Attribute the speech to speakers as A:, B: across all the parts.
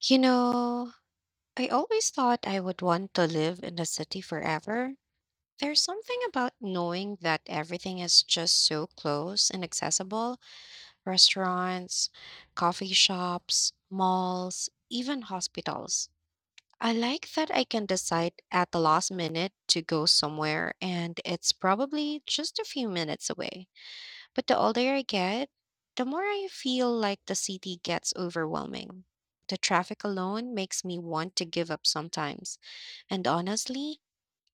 A: You know, I always thought I would want to live in the city forever. There's something about knowing that everything is just so close and accessible restaurants, coffee shops, malls, even hospitals. I like that I can decide at the last minute to go somewhere and it's probably just a few minutes away. But the older I get, the more I feel like the city gets overwhelming. The traffic alone makes me want to give up sometimes. And honestly,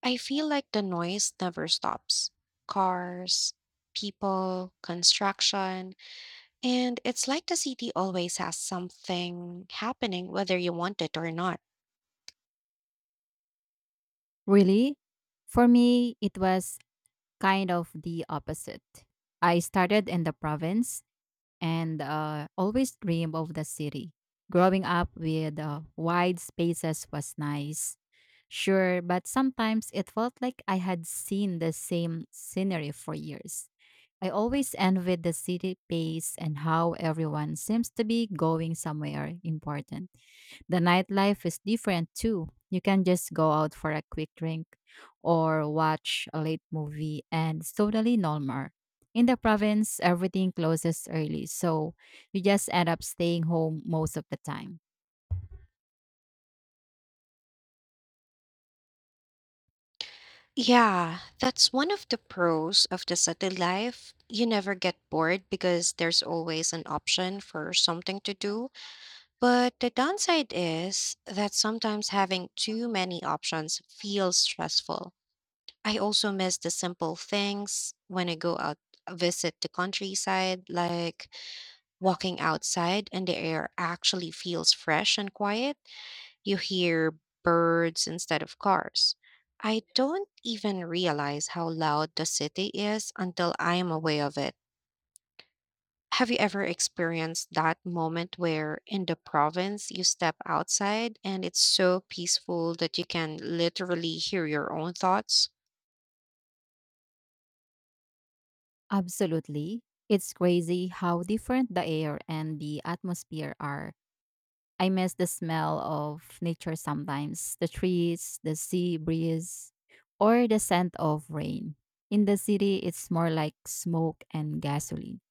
A: I feel like the noise never stops. Cars, people, construction, and it's like the city always has something happening whether you want it or not.
B: Really? For me, it was kind of the opposite. I started in the province and always dreamed of the city. Growing up with wide spaces was nice, sure, but sometimes it felt like I had seen the same scenery for years. I always envied the city pace and how everyone seems to be going somewhere important. The nightlife is different too. You can just go out for a quick drink or watch a late movie, and it's totally normal. In the province, everything closes early, so you just end up staying home most of the time.
A: Yeah, that's one of the pros of the city life. You never get bored because there's always an option for something to do. But the downside is that sometimes having too many options feels stressful. I also miss the simple things when I go out visit the countryside like walking outside and the air actually feels fresh and quiet. You hear birds instead of cars. I don't even realize how loud the city is until I am aware of it. Have you ever experienced that moment where in the province you step outside and it's so peaceful that you can literally hear your own thoughts?
B: Absolutely. It's crazy how different the air and the atmosphere are. I miss the smell of nature sometimes, the trees, the sea breeze, or the scent of rain. In the city, it's more like smoke and gasoline.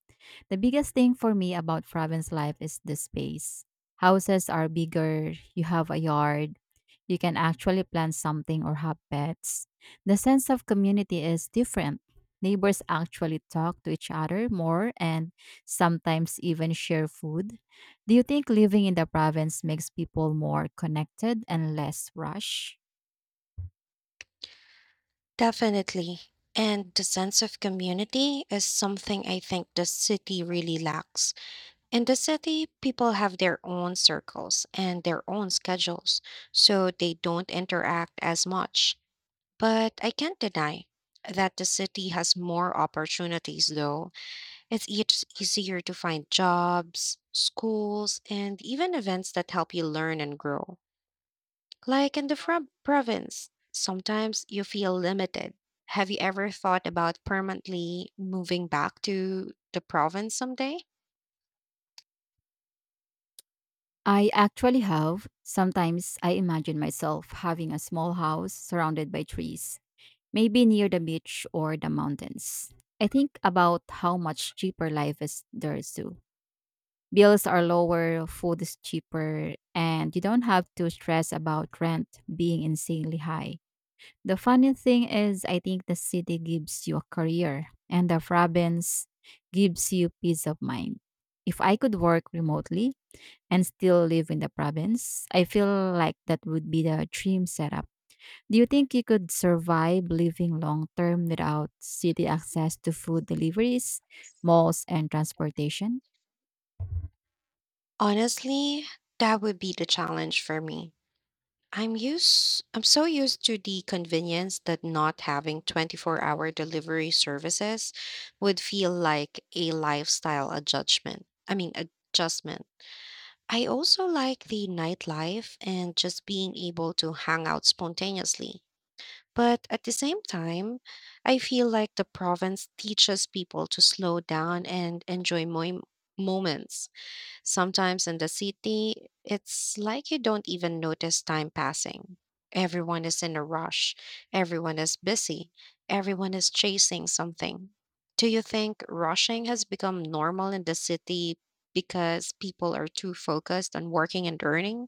B: The biggest thing for me about province life is the space. Houses are bigger, you have a yard, you can actually plant something or have pets. The sense of community is different. Neighbors actually talk to each other more and sometimes even share food. Do you think living in the province makes people more connected and less rushed?
A: Definitely. And the sense of community is something I think the city really lacks. In the city, people have their own circles and their own schedules, so they don't interact as much. But I can't deny that the city has more opportunities, though it's each easier to find jobs, schools, and even events that help you learn and grow. Like in the province, sometimes you feel limited. Have you ever thought about permanently moving back to the province someday?
B: I actually have. Sometimes I imagine myself having a small house surrounded by trees, maybe near the beach or the mountains. I think about how much cheaper life is there too. Bills are lower, food is cheaper, and you don't have to stress about rent being insanely high. The funny thing is, I think the city gives you a career, and the province gives you peace of mind. If I could work remotely and still live in the province, I feel like that would be the dream setup. Do you think you could survive living long term without city access to food deliveries, malls, and transportation?
A: Honestly, that would be the challenge for me. I'm so used to the convenience that not having 24-hour delivery services would feel like a lifestyle adjustment. Adjustment. I also like the nightlife and just being able to hang out spontaneously. But at the same time, I feel like the province teaches people to slow down and enjoy moments. Sometimes in the city, it's like you don't even notice time passing. Everyone is in a rush, everyone is busy, everyone is chasing something. Do you think rushing has become normal in the city because people are too focused on working and earning?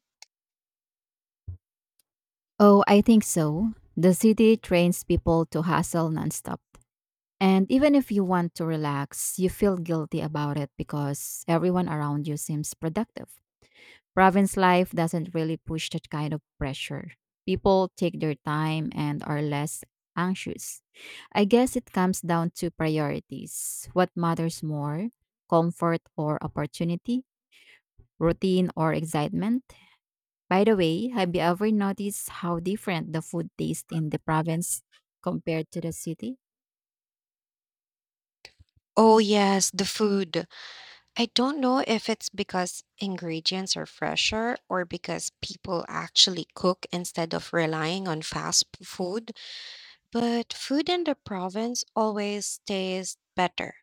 B: Oh, I think so. The city trains people to hustle nonstop. And even if you want to relax, you feel guilty about it because everyone around you seems productive. Province life doesn't really push that kind of pressure. People take their time and are less anxious. I guess it comes down to priorities. What matters more? Comfort or opportunity? Routine or excitement? By the way, have you ever noticed how different the food tastes in the province compared to the city?
A: Oh, yes, the food. I don't know if it's because ingredients are fresher or because people actually cook instead of relying on fast food. But food in the province always tastes better.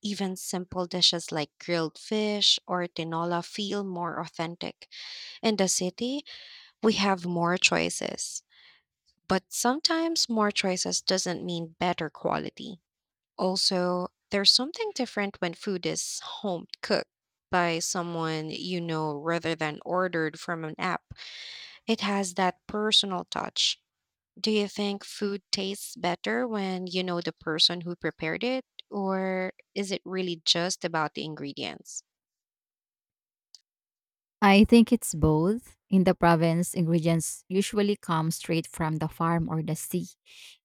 A: Even simple dishes like grilled fish or tinola feel more authentic. In the city, we have more choices, but sometimes more choices doesn't mean better quality. Also, there's something different when food is home cooked by someone you know rather than ordered from an app. It has that personal touch. Do you think food tastes better when you know the person who prepared it, or is it really just about the ingredients?
B: I think it's both. In the province, ingredients usually come straight from the farm or the sea,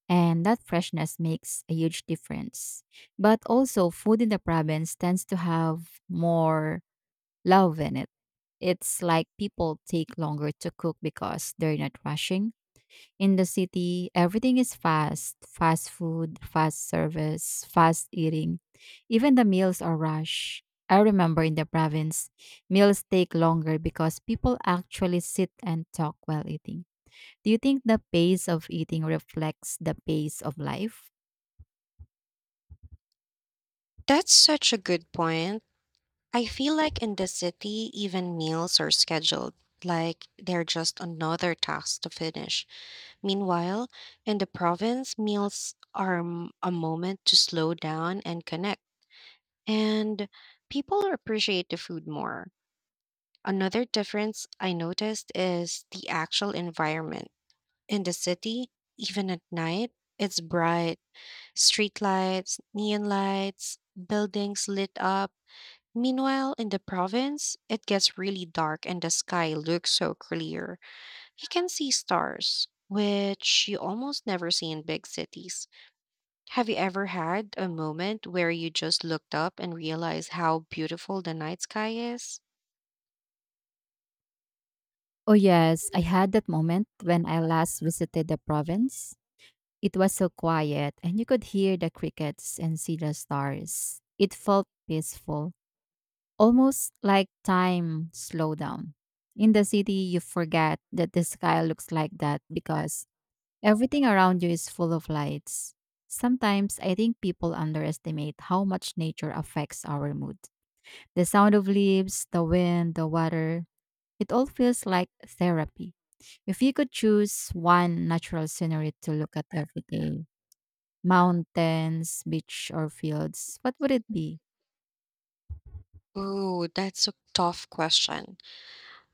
B: and that freshness makes a huge difference. But also, food in the province tends to have more love in it. It's like people take longer to cook because they're not rushing. In the city, everything is fast, fast food, fast service, fast eating. Even the meals are rushed. I remember in the province, meals take longer because people actually sit and talk while eating. Do you think the pace of eating reflects the pace of life?
A: That's such a good point. I feel like in the city, even meals are scheduled, like they're just another task to finish. Meanwhile, in the province, meals are a moment to slow down and connect, and people appreciate the food more. Another difference I noticed is the actual environment. In the city, even at night, it's bright. Streetlights, neon lights, buildings lit up. Meanwhile, in the province, it gets really dark and the sky looks so clear. You can see stars, which you almost never see in big cities. Have you ever had a moment where you just looked up and realized how beautiful the night sky is?
B: Oh, yes, I had that moment when I last visited the province. It was so quiet, and you could hear the crickets and see the stars. It felt peaceful. Almost like time slowed down. In the city, you forget that the sky looks like that because everything around you is full of lights. Sometimes I think people underestimate how much nature affects our mood. The sound of leaves, the wind, the water, it all feels like therapy. If you could choose one natural scenery to look at every day, mountains, beach, or fields, what would it be?
A: Ooh, that's a tough question.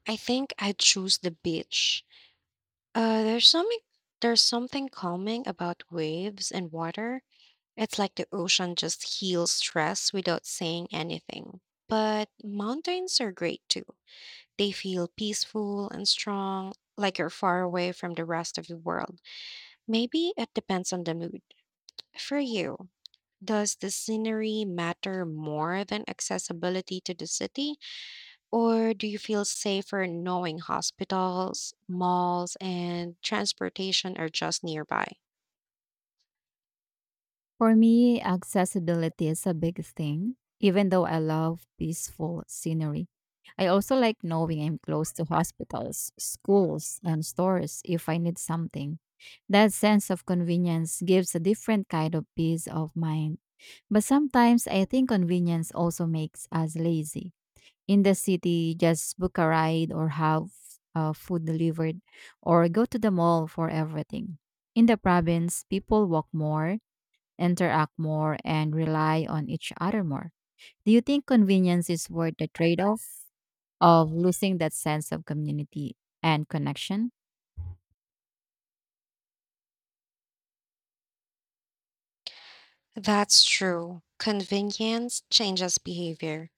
A: I think I'd choose the beach. There's something there's something calming about waves and water. It's like the ocean just heals stress without saying anything. But mountains are great too. They feel peaceful and strong, like you're far away from the rest of the world. Maybe it depends on the mood. For you, does the scenery matter more than accessibility to the city? Or do you feel safer knowing hospitals, malls, and transportation are just nearby?
B: For me, accessibility is a big thing. Even though I love peaceful scenery, I also like knowing I'm close to hospitals, schools, and stores if I need something. That sense of convenience gives a different kind of peace of mind. But sometimes I think convenience also makes us lazy. In the city, just book a ride or have food delivered or go to the mall for everything. In the province, people walk more, interact more, and rely on each other more. Do you think convenience is worth the trade off of losing that sense of community and connection?
A: That's true. Convenience changes behavior.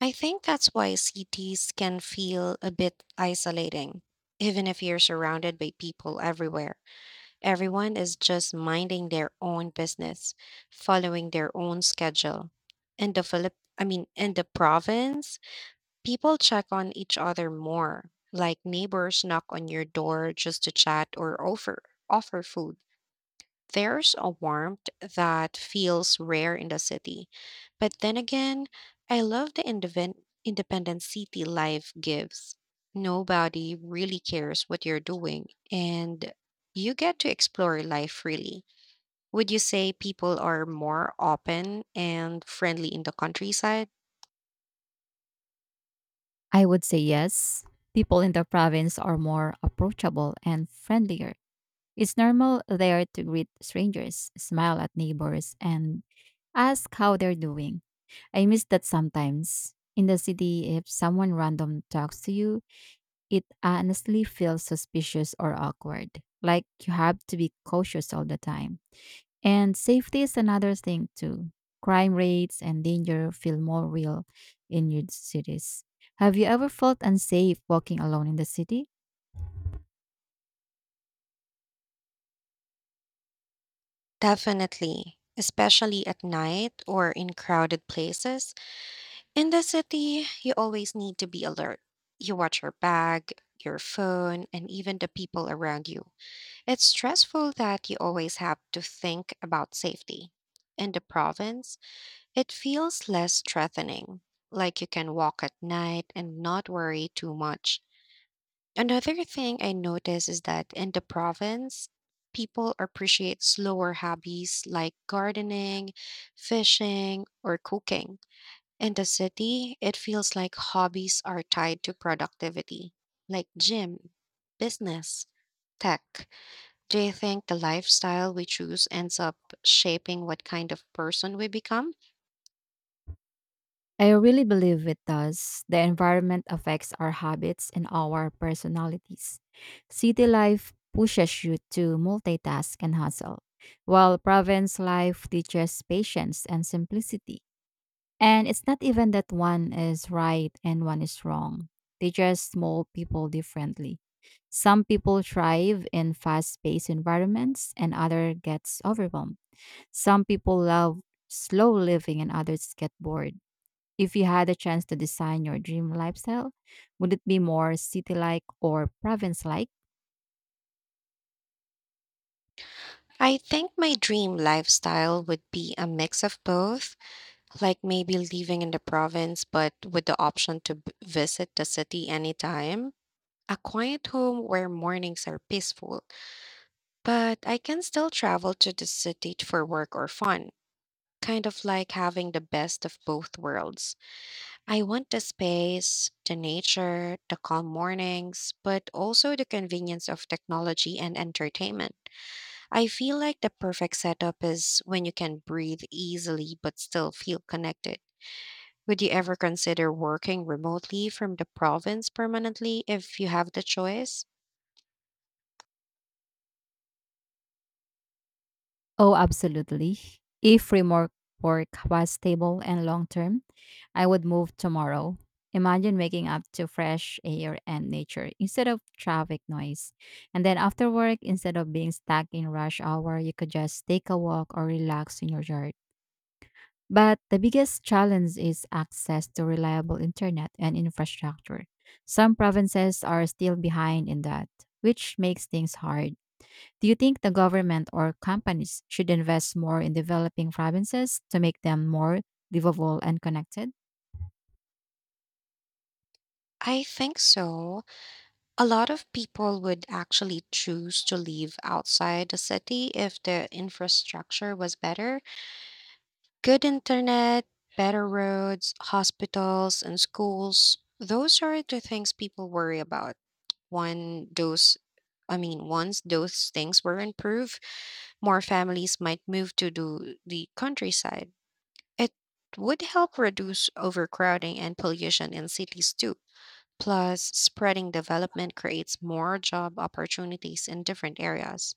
A: I think that's why cities can feel a bit isolating. Even if you're surrounded by people everywhere, everyone is just minding their own business, following their own schedule. In the in the province, people check on each other more, like neighbors knock on your door just to chat or offer food. There's a warmth that feels rare in the city. But then again, I love the independent city life gives. Nobody really cares what you're doing and you get to explore life freely. Would you say people are more open and friendly in the countryside?
B: I would say yes. People in the province are more approachable and friendlier. It's normal there to greet strangers, smile at neighbors, and ask how they're doing. I miss that sometimes. In the city, if someone random talks to you, it honestly feels suspicious or awkward. Like you have to be cautious all the time. And safety is another thing too. Crime rates and danger feel more real in huge cities. Have you ever felt unsafe walking alone in the city?
A: Definitely, especially at night or in crowded places. In the city, you always need to be alert. You watch your bag, your phone, and even the people around you. It's stressful that you always have to think about safety. In the province, it feels less threatening, like you can walk at night and not worry too much. Another thing I notice is that in the province, people appreciate slower hobbies like gardening, fishing, or cooking. In the city, it feels like hobbies are tied to productivity, like gym, business, tech. Do you think the lifestyle we choose ends up shaping what kind of person we become?
B: I really believe it does. The environment affects our habits and our personalities. City life pushes you to multitask and hustle, while province life teaches patience and simplicity. And it's not even that one is right and one is wrong. They just mold people differently. Some people thrive in fast-paced environments and other gets overwhelmed. Some people love slow living and others get bored. If you had a chance to design your dream lifestyle, would it be more city-like or province-like?
A: I think my dream lifestyle would be a mix of both. Like maybe living in the province, but with the option to visit the city anytime. A quiet home where mornings are peaceful, but I can still travel to the city for work or fun. Kind of like having the best of both worlds. I want the space, the nature, the calm mornings, but also the convenience of technology and entertainment. I feel like the perfect setup is when you can breathe easily but still feel connected. Would you ever consider working remotely from the province permanently if you have the choice?
B: Oh, absolutely. If remote work was stable and long-term, I would move tomorrow. Imagine waking up to fresh air and nature instead of traffic noise. And then after work, instead of being stuck in rush hour, you could just take a walk or relax in your yard. But the biggest challenge is access to reliable internet and infrastructure. Some provinces are still behind in that, which makes things hard. Do you think the government or companies should invest more in developing provinces to make them more livable and connected?
A: I think so. A lot of people would actually choose to live outside the city if the infrastructure was better. Good internet, better roads, hospitals, and schools. Those are the things people worry about. When those, I mean, Once those things were improved, more families might move to do the countryside. It would help reduce overcrowding and pollution in cities too. Plus, spreading development creates more job opportunities in different areas.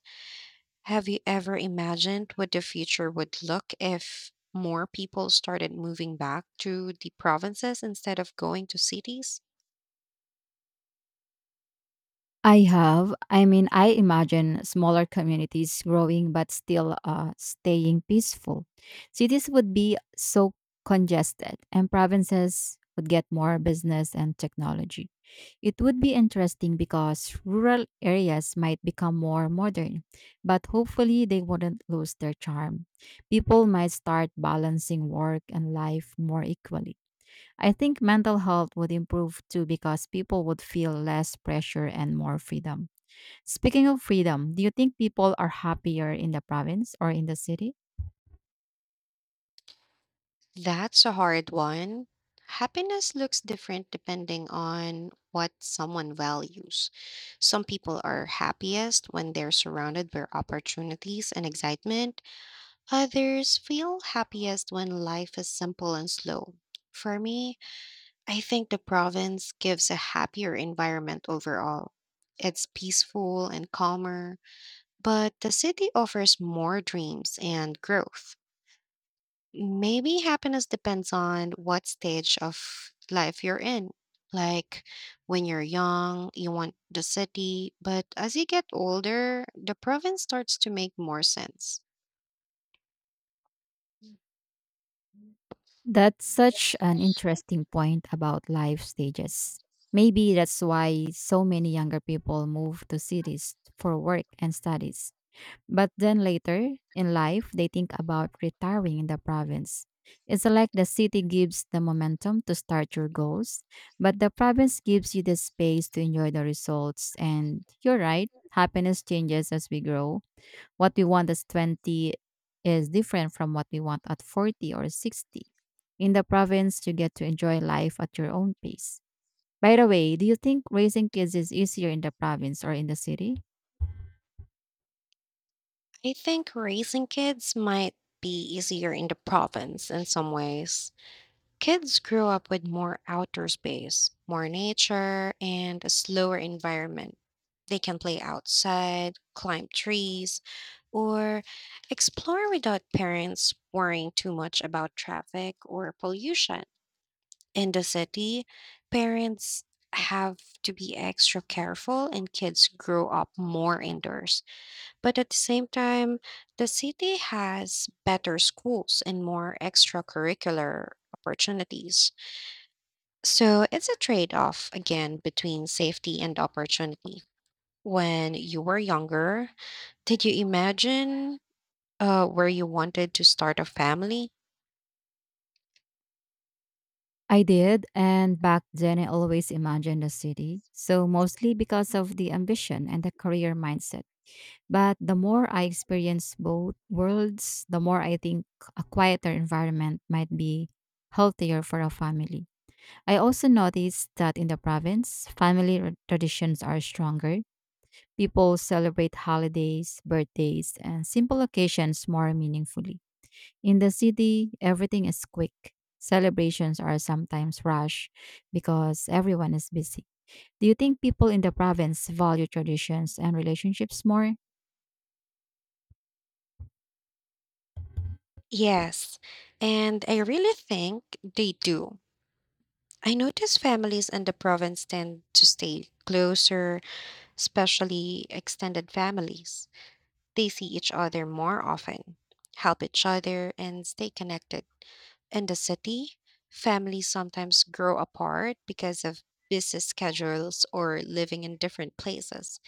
A: Have you ever imagined what the future would look if more people started moving back to the provinces instead of going to cities?
B: I have. I mean, I imagine smaller communities growing but still staying peaceful. Cities would be so congested, and provinces would get more business and technology. It would be interesting because rural areas might become more modern, but hopefully they wouldn't lose their charm. People might start balancing work and life more equally. I think mental health would improve too because people would feel less pressure and more freedom. Speaking of freedom, do you think people are happier in the province or in the city?
A: That's a hard one. Happiness looks different depending on what someone values. Some people are happiest when they're surrounded by opportunities and excitement. Others feel happiest when life is simple and slow. For me, I think the province gives a happier environment overall. It's peaceful and calmer, but the city offers more dreams and growth. Maybe happiness depends on what stage of life you're in. Like when you're young, you want the city, but as you get older, the province starts to make more sense.
B: That's such an interesting point about life stages. Maybe that's why so many younger people move to cities for work and studies. But then later in life, they think about retiring in the province. It's like the city gives the momentum to start your goals, but the province gives you the space to enjoy the results. And you're right, happiness changes as we grow. What we want at 20 is different from what we want at 40 or 60. In the province, you get to enjoy life at your own pace. By the way, do you think raising kids is easier in the province or in the city?
A: I think raising kids might be easier in the province in some ways. Kids grow up with more outdoor space, more nature, and a slower environment. They can play outside, climb trees, or explore without parents worrying too much about traffic or pollution. In the city, parents have to be extra careful and kids grow up more indoors. But at the same time, the city has better schools and more extracurricular opportunities. So it's a trade off again between safety and opportunity. When you were younger, did you imagine where you wanted to start a family?
B: I did, and back then I always imagined a city. So mostly because of the ambition and the career mindset. But the more I experience both worlds, the more I think a quieter environment might be healthier for a family. I also noticed that in the province, traditions are stronger. People celebrate holidays, birthdays, and simple occasions more meaningfully. In the city, everything is quick. Celebrations are sometimes rushed because everyone is busy. Do you think people in the province value traditions and relationships more?
A: Yes. And I really think they do. I notice families in the province tend to stay closer, especially extended families. They see each other more often, help each other, and stay connected. In the city, families sometimes grow apart because of busy schedules or living in different places.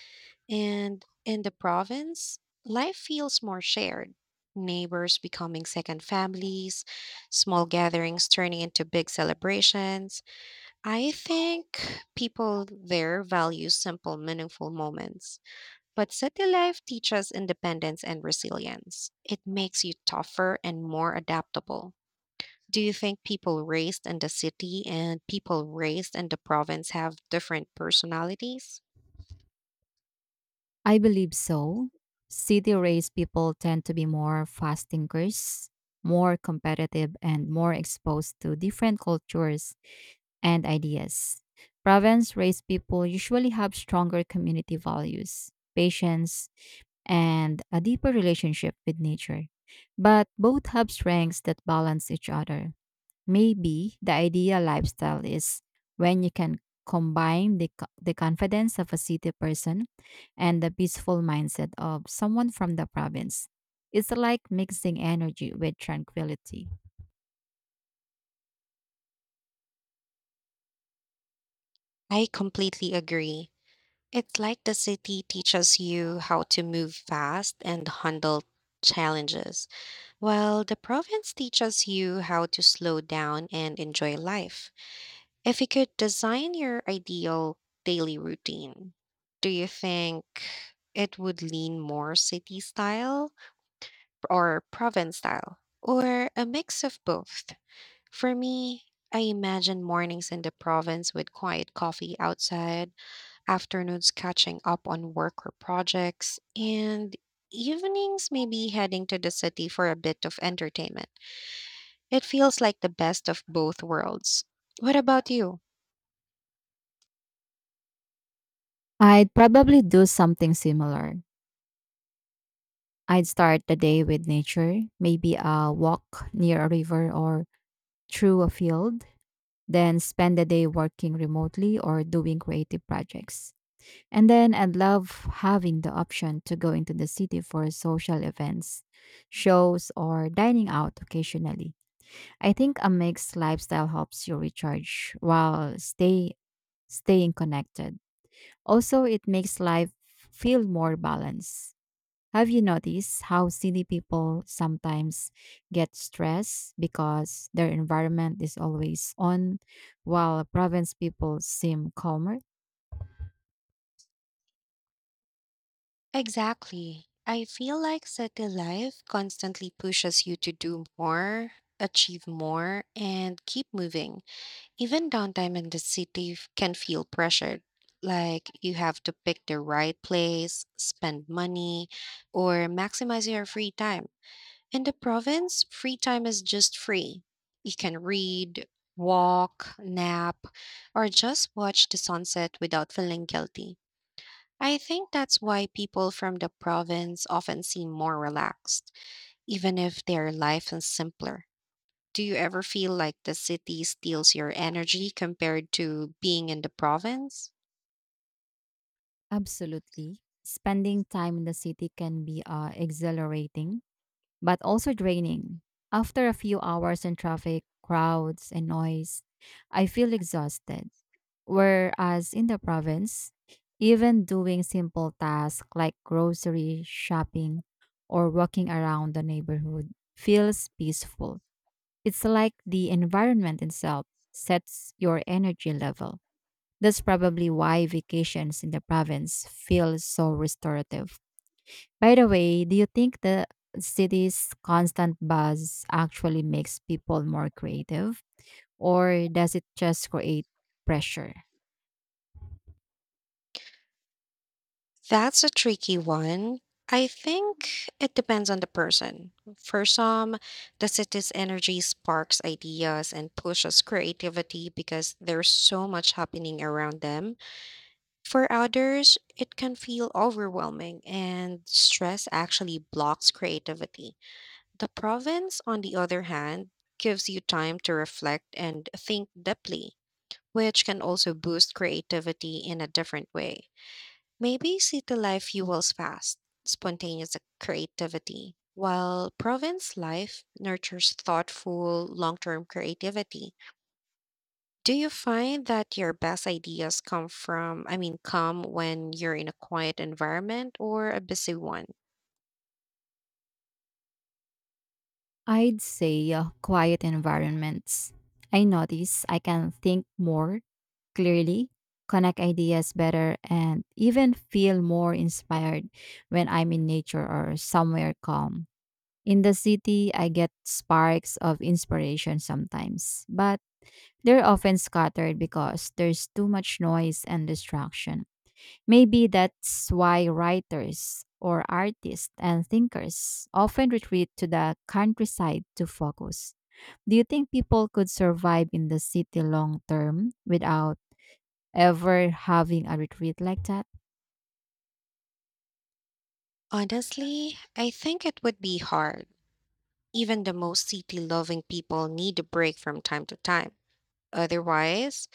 A: And in the province, life feels more shared. Neighbors becoming second families, small gatherings turning into big celebrations. I think people there value simple, meaningful moments. But city life teaches independence and resilience. It makes you tougher and more adaptable. Do you think people raised in the city and people raised in the province have different personalities?
B: I believe so. City raised people tend to be more fast thinkers, more competitive, and more exposed to different cultures and ideas. Province raised people usually have stronger community values, patience, and a deeper relationship with nature. But both have strengths that balance each other. Maybe the ideal lifestyle is when you can combine the confidence of a city person and the peaceful mindset of someone from the province. It's like mixing energy with tranquility.
A: I completely agree. It's like the city teaches you how to move fast and handle challenges, well, the province teaches you how to slow down and enjoy life. If you could design your ideal daily routine, do you think it would lean more city style or province style, or a mix of both? For me, I imagine mornings in the province with quiet coffee outside, afternoons catching up on work or projects, and evenings maybe heading to the city for a bit of entertainment. It feels like the best of both worlds. What about you?
B: I'd probably do something similar. I'd start the day with nature, maybe a walk near a river or through a field, then spend the day working remotely or doing creative projects. And then I love having the option to go into the city for social events, shows, or dining out occasionally. I think a mixed lifestyle helps you recharge while staying connected. Also, it makes life feel more balanced. Have you noticed how city people sometimes get stressed because their environment is always on, while province people seem calmer?
A: Exactly. I feel like city life constantly pushes you to do more, achieve more, and keep moving. Even downtime in the city can feel pressured, like you have to pick the right place, spend money, or maximize your free time. In the province, free time is just free. You can read, walk, nap, or just watch the sunset without feeling guilty. I think that's why people from the province often seem more relaxed, even if their life is simpler. Do you ever feel like the city steals your energy compared to being in the province?
B: Absolutely. Spending time in the city can be exhilarating, but also draining. After a few hours in traffic, crowds, and noise, I feel exhausted. Whereas in the province, even doing simple tasks like grocery shopping or walking around the neighborhood feels peaceful. It's like the environment itself sets your energy level. That's probably why vacations in the province feel so restorative. By the way, do you think the city's constant buzz actually makes people more creative, or does it just create pressure?
A: That's a tricky one. I think it depends on the person. For some, the city's energy sparks ideas and pushes creativity because there's so much happening around them. For others, it can feel overwhelming and stress actually blocks creativity. The province, on the other hand, gives you time to reflect and think deeply, which can also boost creativity in a different way. Maybe city life fuels fast, spontaneous creativity, while province life nurtures thoughtful, long term creativity. Do you find that your best ideas come from, I mean, come when you're in a quiet environment or a busy one?
B: I'd say quiet environments. I notice I can think more clearly, connect ideas better, and even feel more inspired when I'm in nature or somewhere calm. In the city, I get sparks of inspiration sometimes, but they're often scattered because there's too much noise and distraction. Maybe that's why writers or artists and thinkers often retreat to the countryside to focus. Do you think people could survive in the city long term without ever having a retreat like that?
A: Honestly, I think it would be hard. Even the most city loving people need a break from time to time. Otherwise,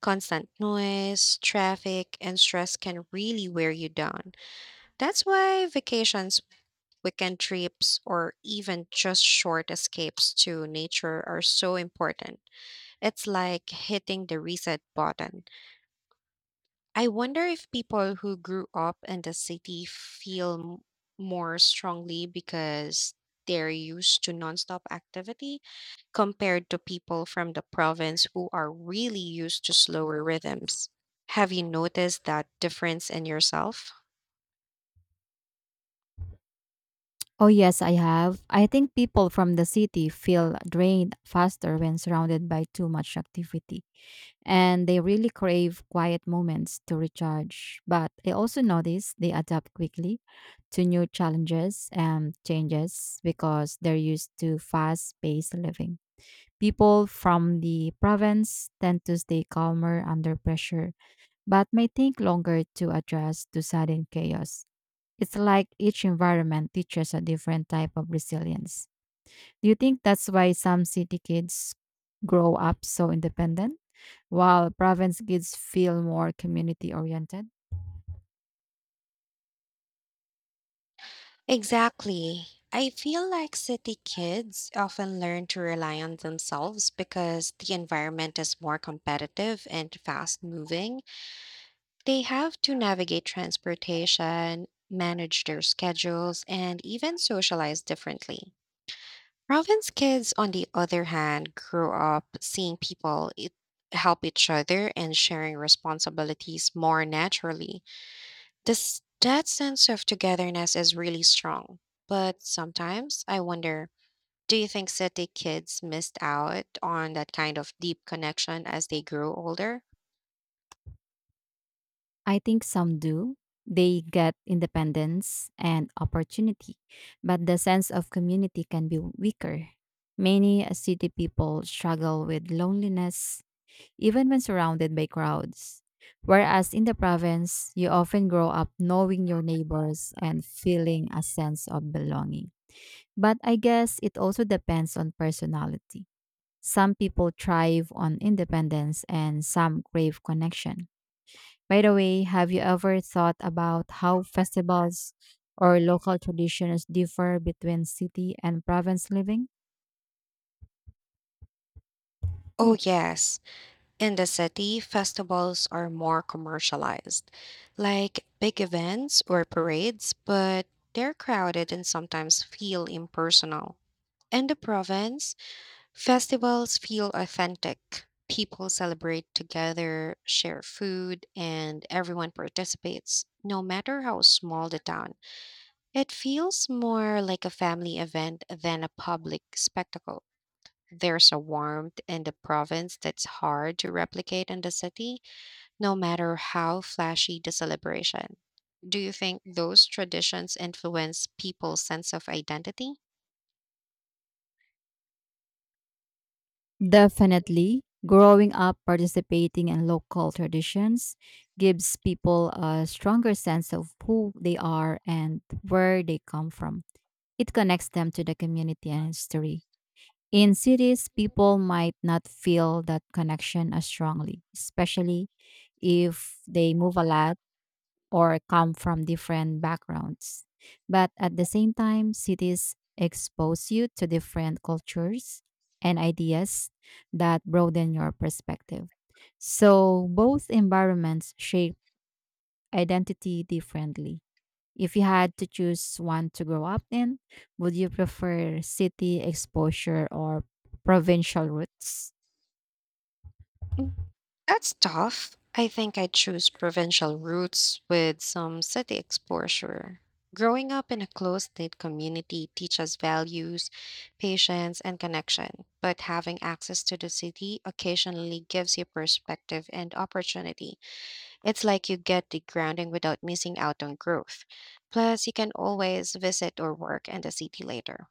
A: constant noise, traffic, and stress can really wear you down. That's why vacations, weekend trips, or even just short escapes to nature are so important. It's like hitting the reset button. I wonder if people who grew up in the city feel more strongly because they're used to nonstop activity compared to people from the province who are really used to slower rhythms. Have you noticed that difference in yourself?
B: Oh, yes, I have. I think people from the city feel drained faster when surrounded by too much activity, and they really crave quiet moments to recharge. But I also notice they adapt quickly to new challenges and changes because they're used to fast paced living. People from the province tend to stay calmer under pressure but may take longer to adjust to sudden chaos. It's like each environment teaches a different type of resilience. Do you think that's why some city kids grow up so independent, while province kids feel more community oriented?
A: Exactly. I feel like city kids often learn to rely on themselves because the environment is more competitive and fast moving. They have to navigate transportation, manage their schedules, and even socialize differently. Province kids, on the other hand, grow up seeing people help each other and sharing responsibilities more naturally. This That sense of togetherness is really strong. But sometimes I wonder, do you think city kids missed out on that kind of deep connection as they grew older?
B: I think some do. They get independence and opportunity, but the sense of community can be weaker. Many city people struggle with loneliness even when surrounded by crowds. Whereas in the province, you often grow up knowing your neighbors and feeling a sense of belonging. But I guess it also depends on personality. Some people thrive on independence and some crave connection. By the way, have you ever thought about how festivals or local traditions differ between city and province living?
A: Oh yes, in the city, festivals are more commercialized, like big events or parades, but they're crowded and sometimes feel impersonal. In the province, festivals feel authentic. People celebrate together, share food, and everyone participates, no matter how small the town. It feels more like a family event than a public spectacle. There's a warmth in the province that's hard to replicate in the city, no matter how flashy the celebration. Do you think those traditions influence people's sense of identity?
B: Definitely. Growing up participating in local traditions gives people a stronger sense of who they are and where they come from. It connects them to the community and history. In cities, people might not feel that connection as strongly, especially if they move a lot or come from different backgrounds. But at the same time, cities expose you to different cultures and ideas that broaden your perspective. So both environments shape identity differently. If you had to choose one to grow up in, would you prefer city exposure or provincial roots?
A: That's tough. I think I'd choose provincial roots with some city exposure. Growing up in a close knit community teaches values, patience, and connection, but having access to the city occasionally gives you perspective and opportunity. It's like you get the grounding without missing out on growth. Plus, you can always visit or work in the city later.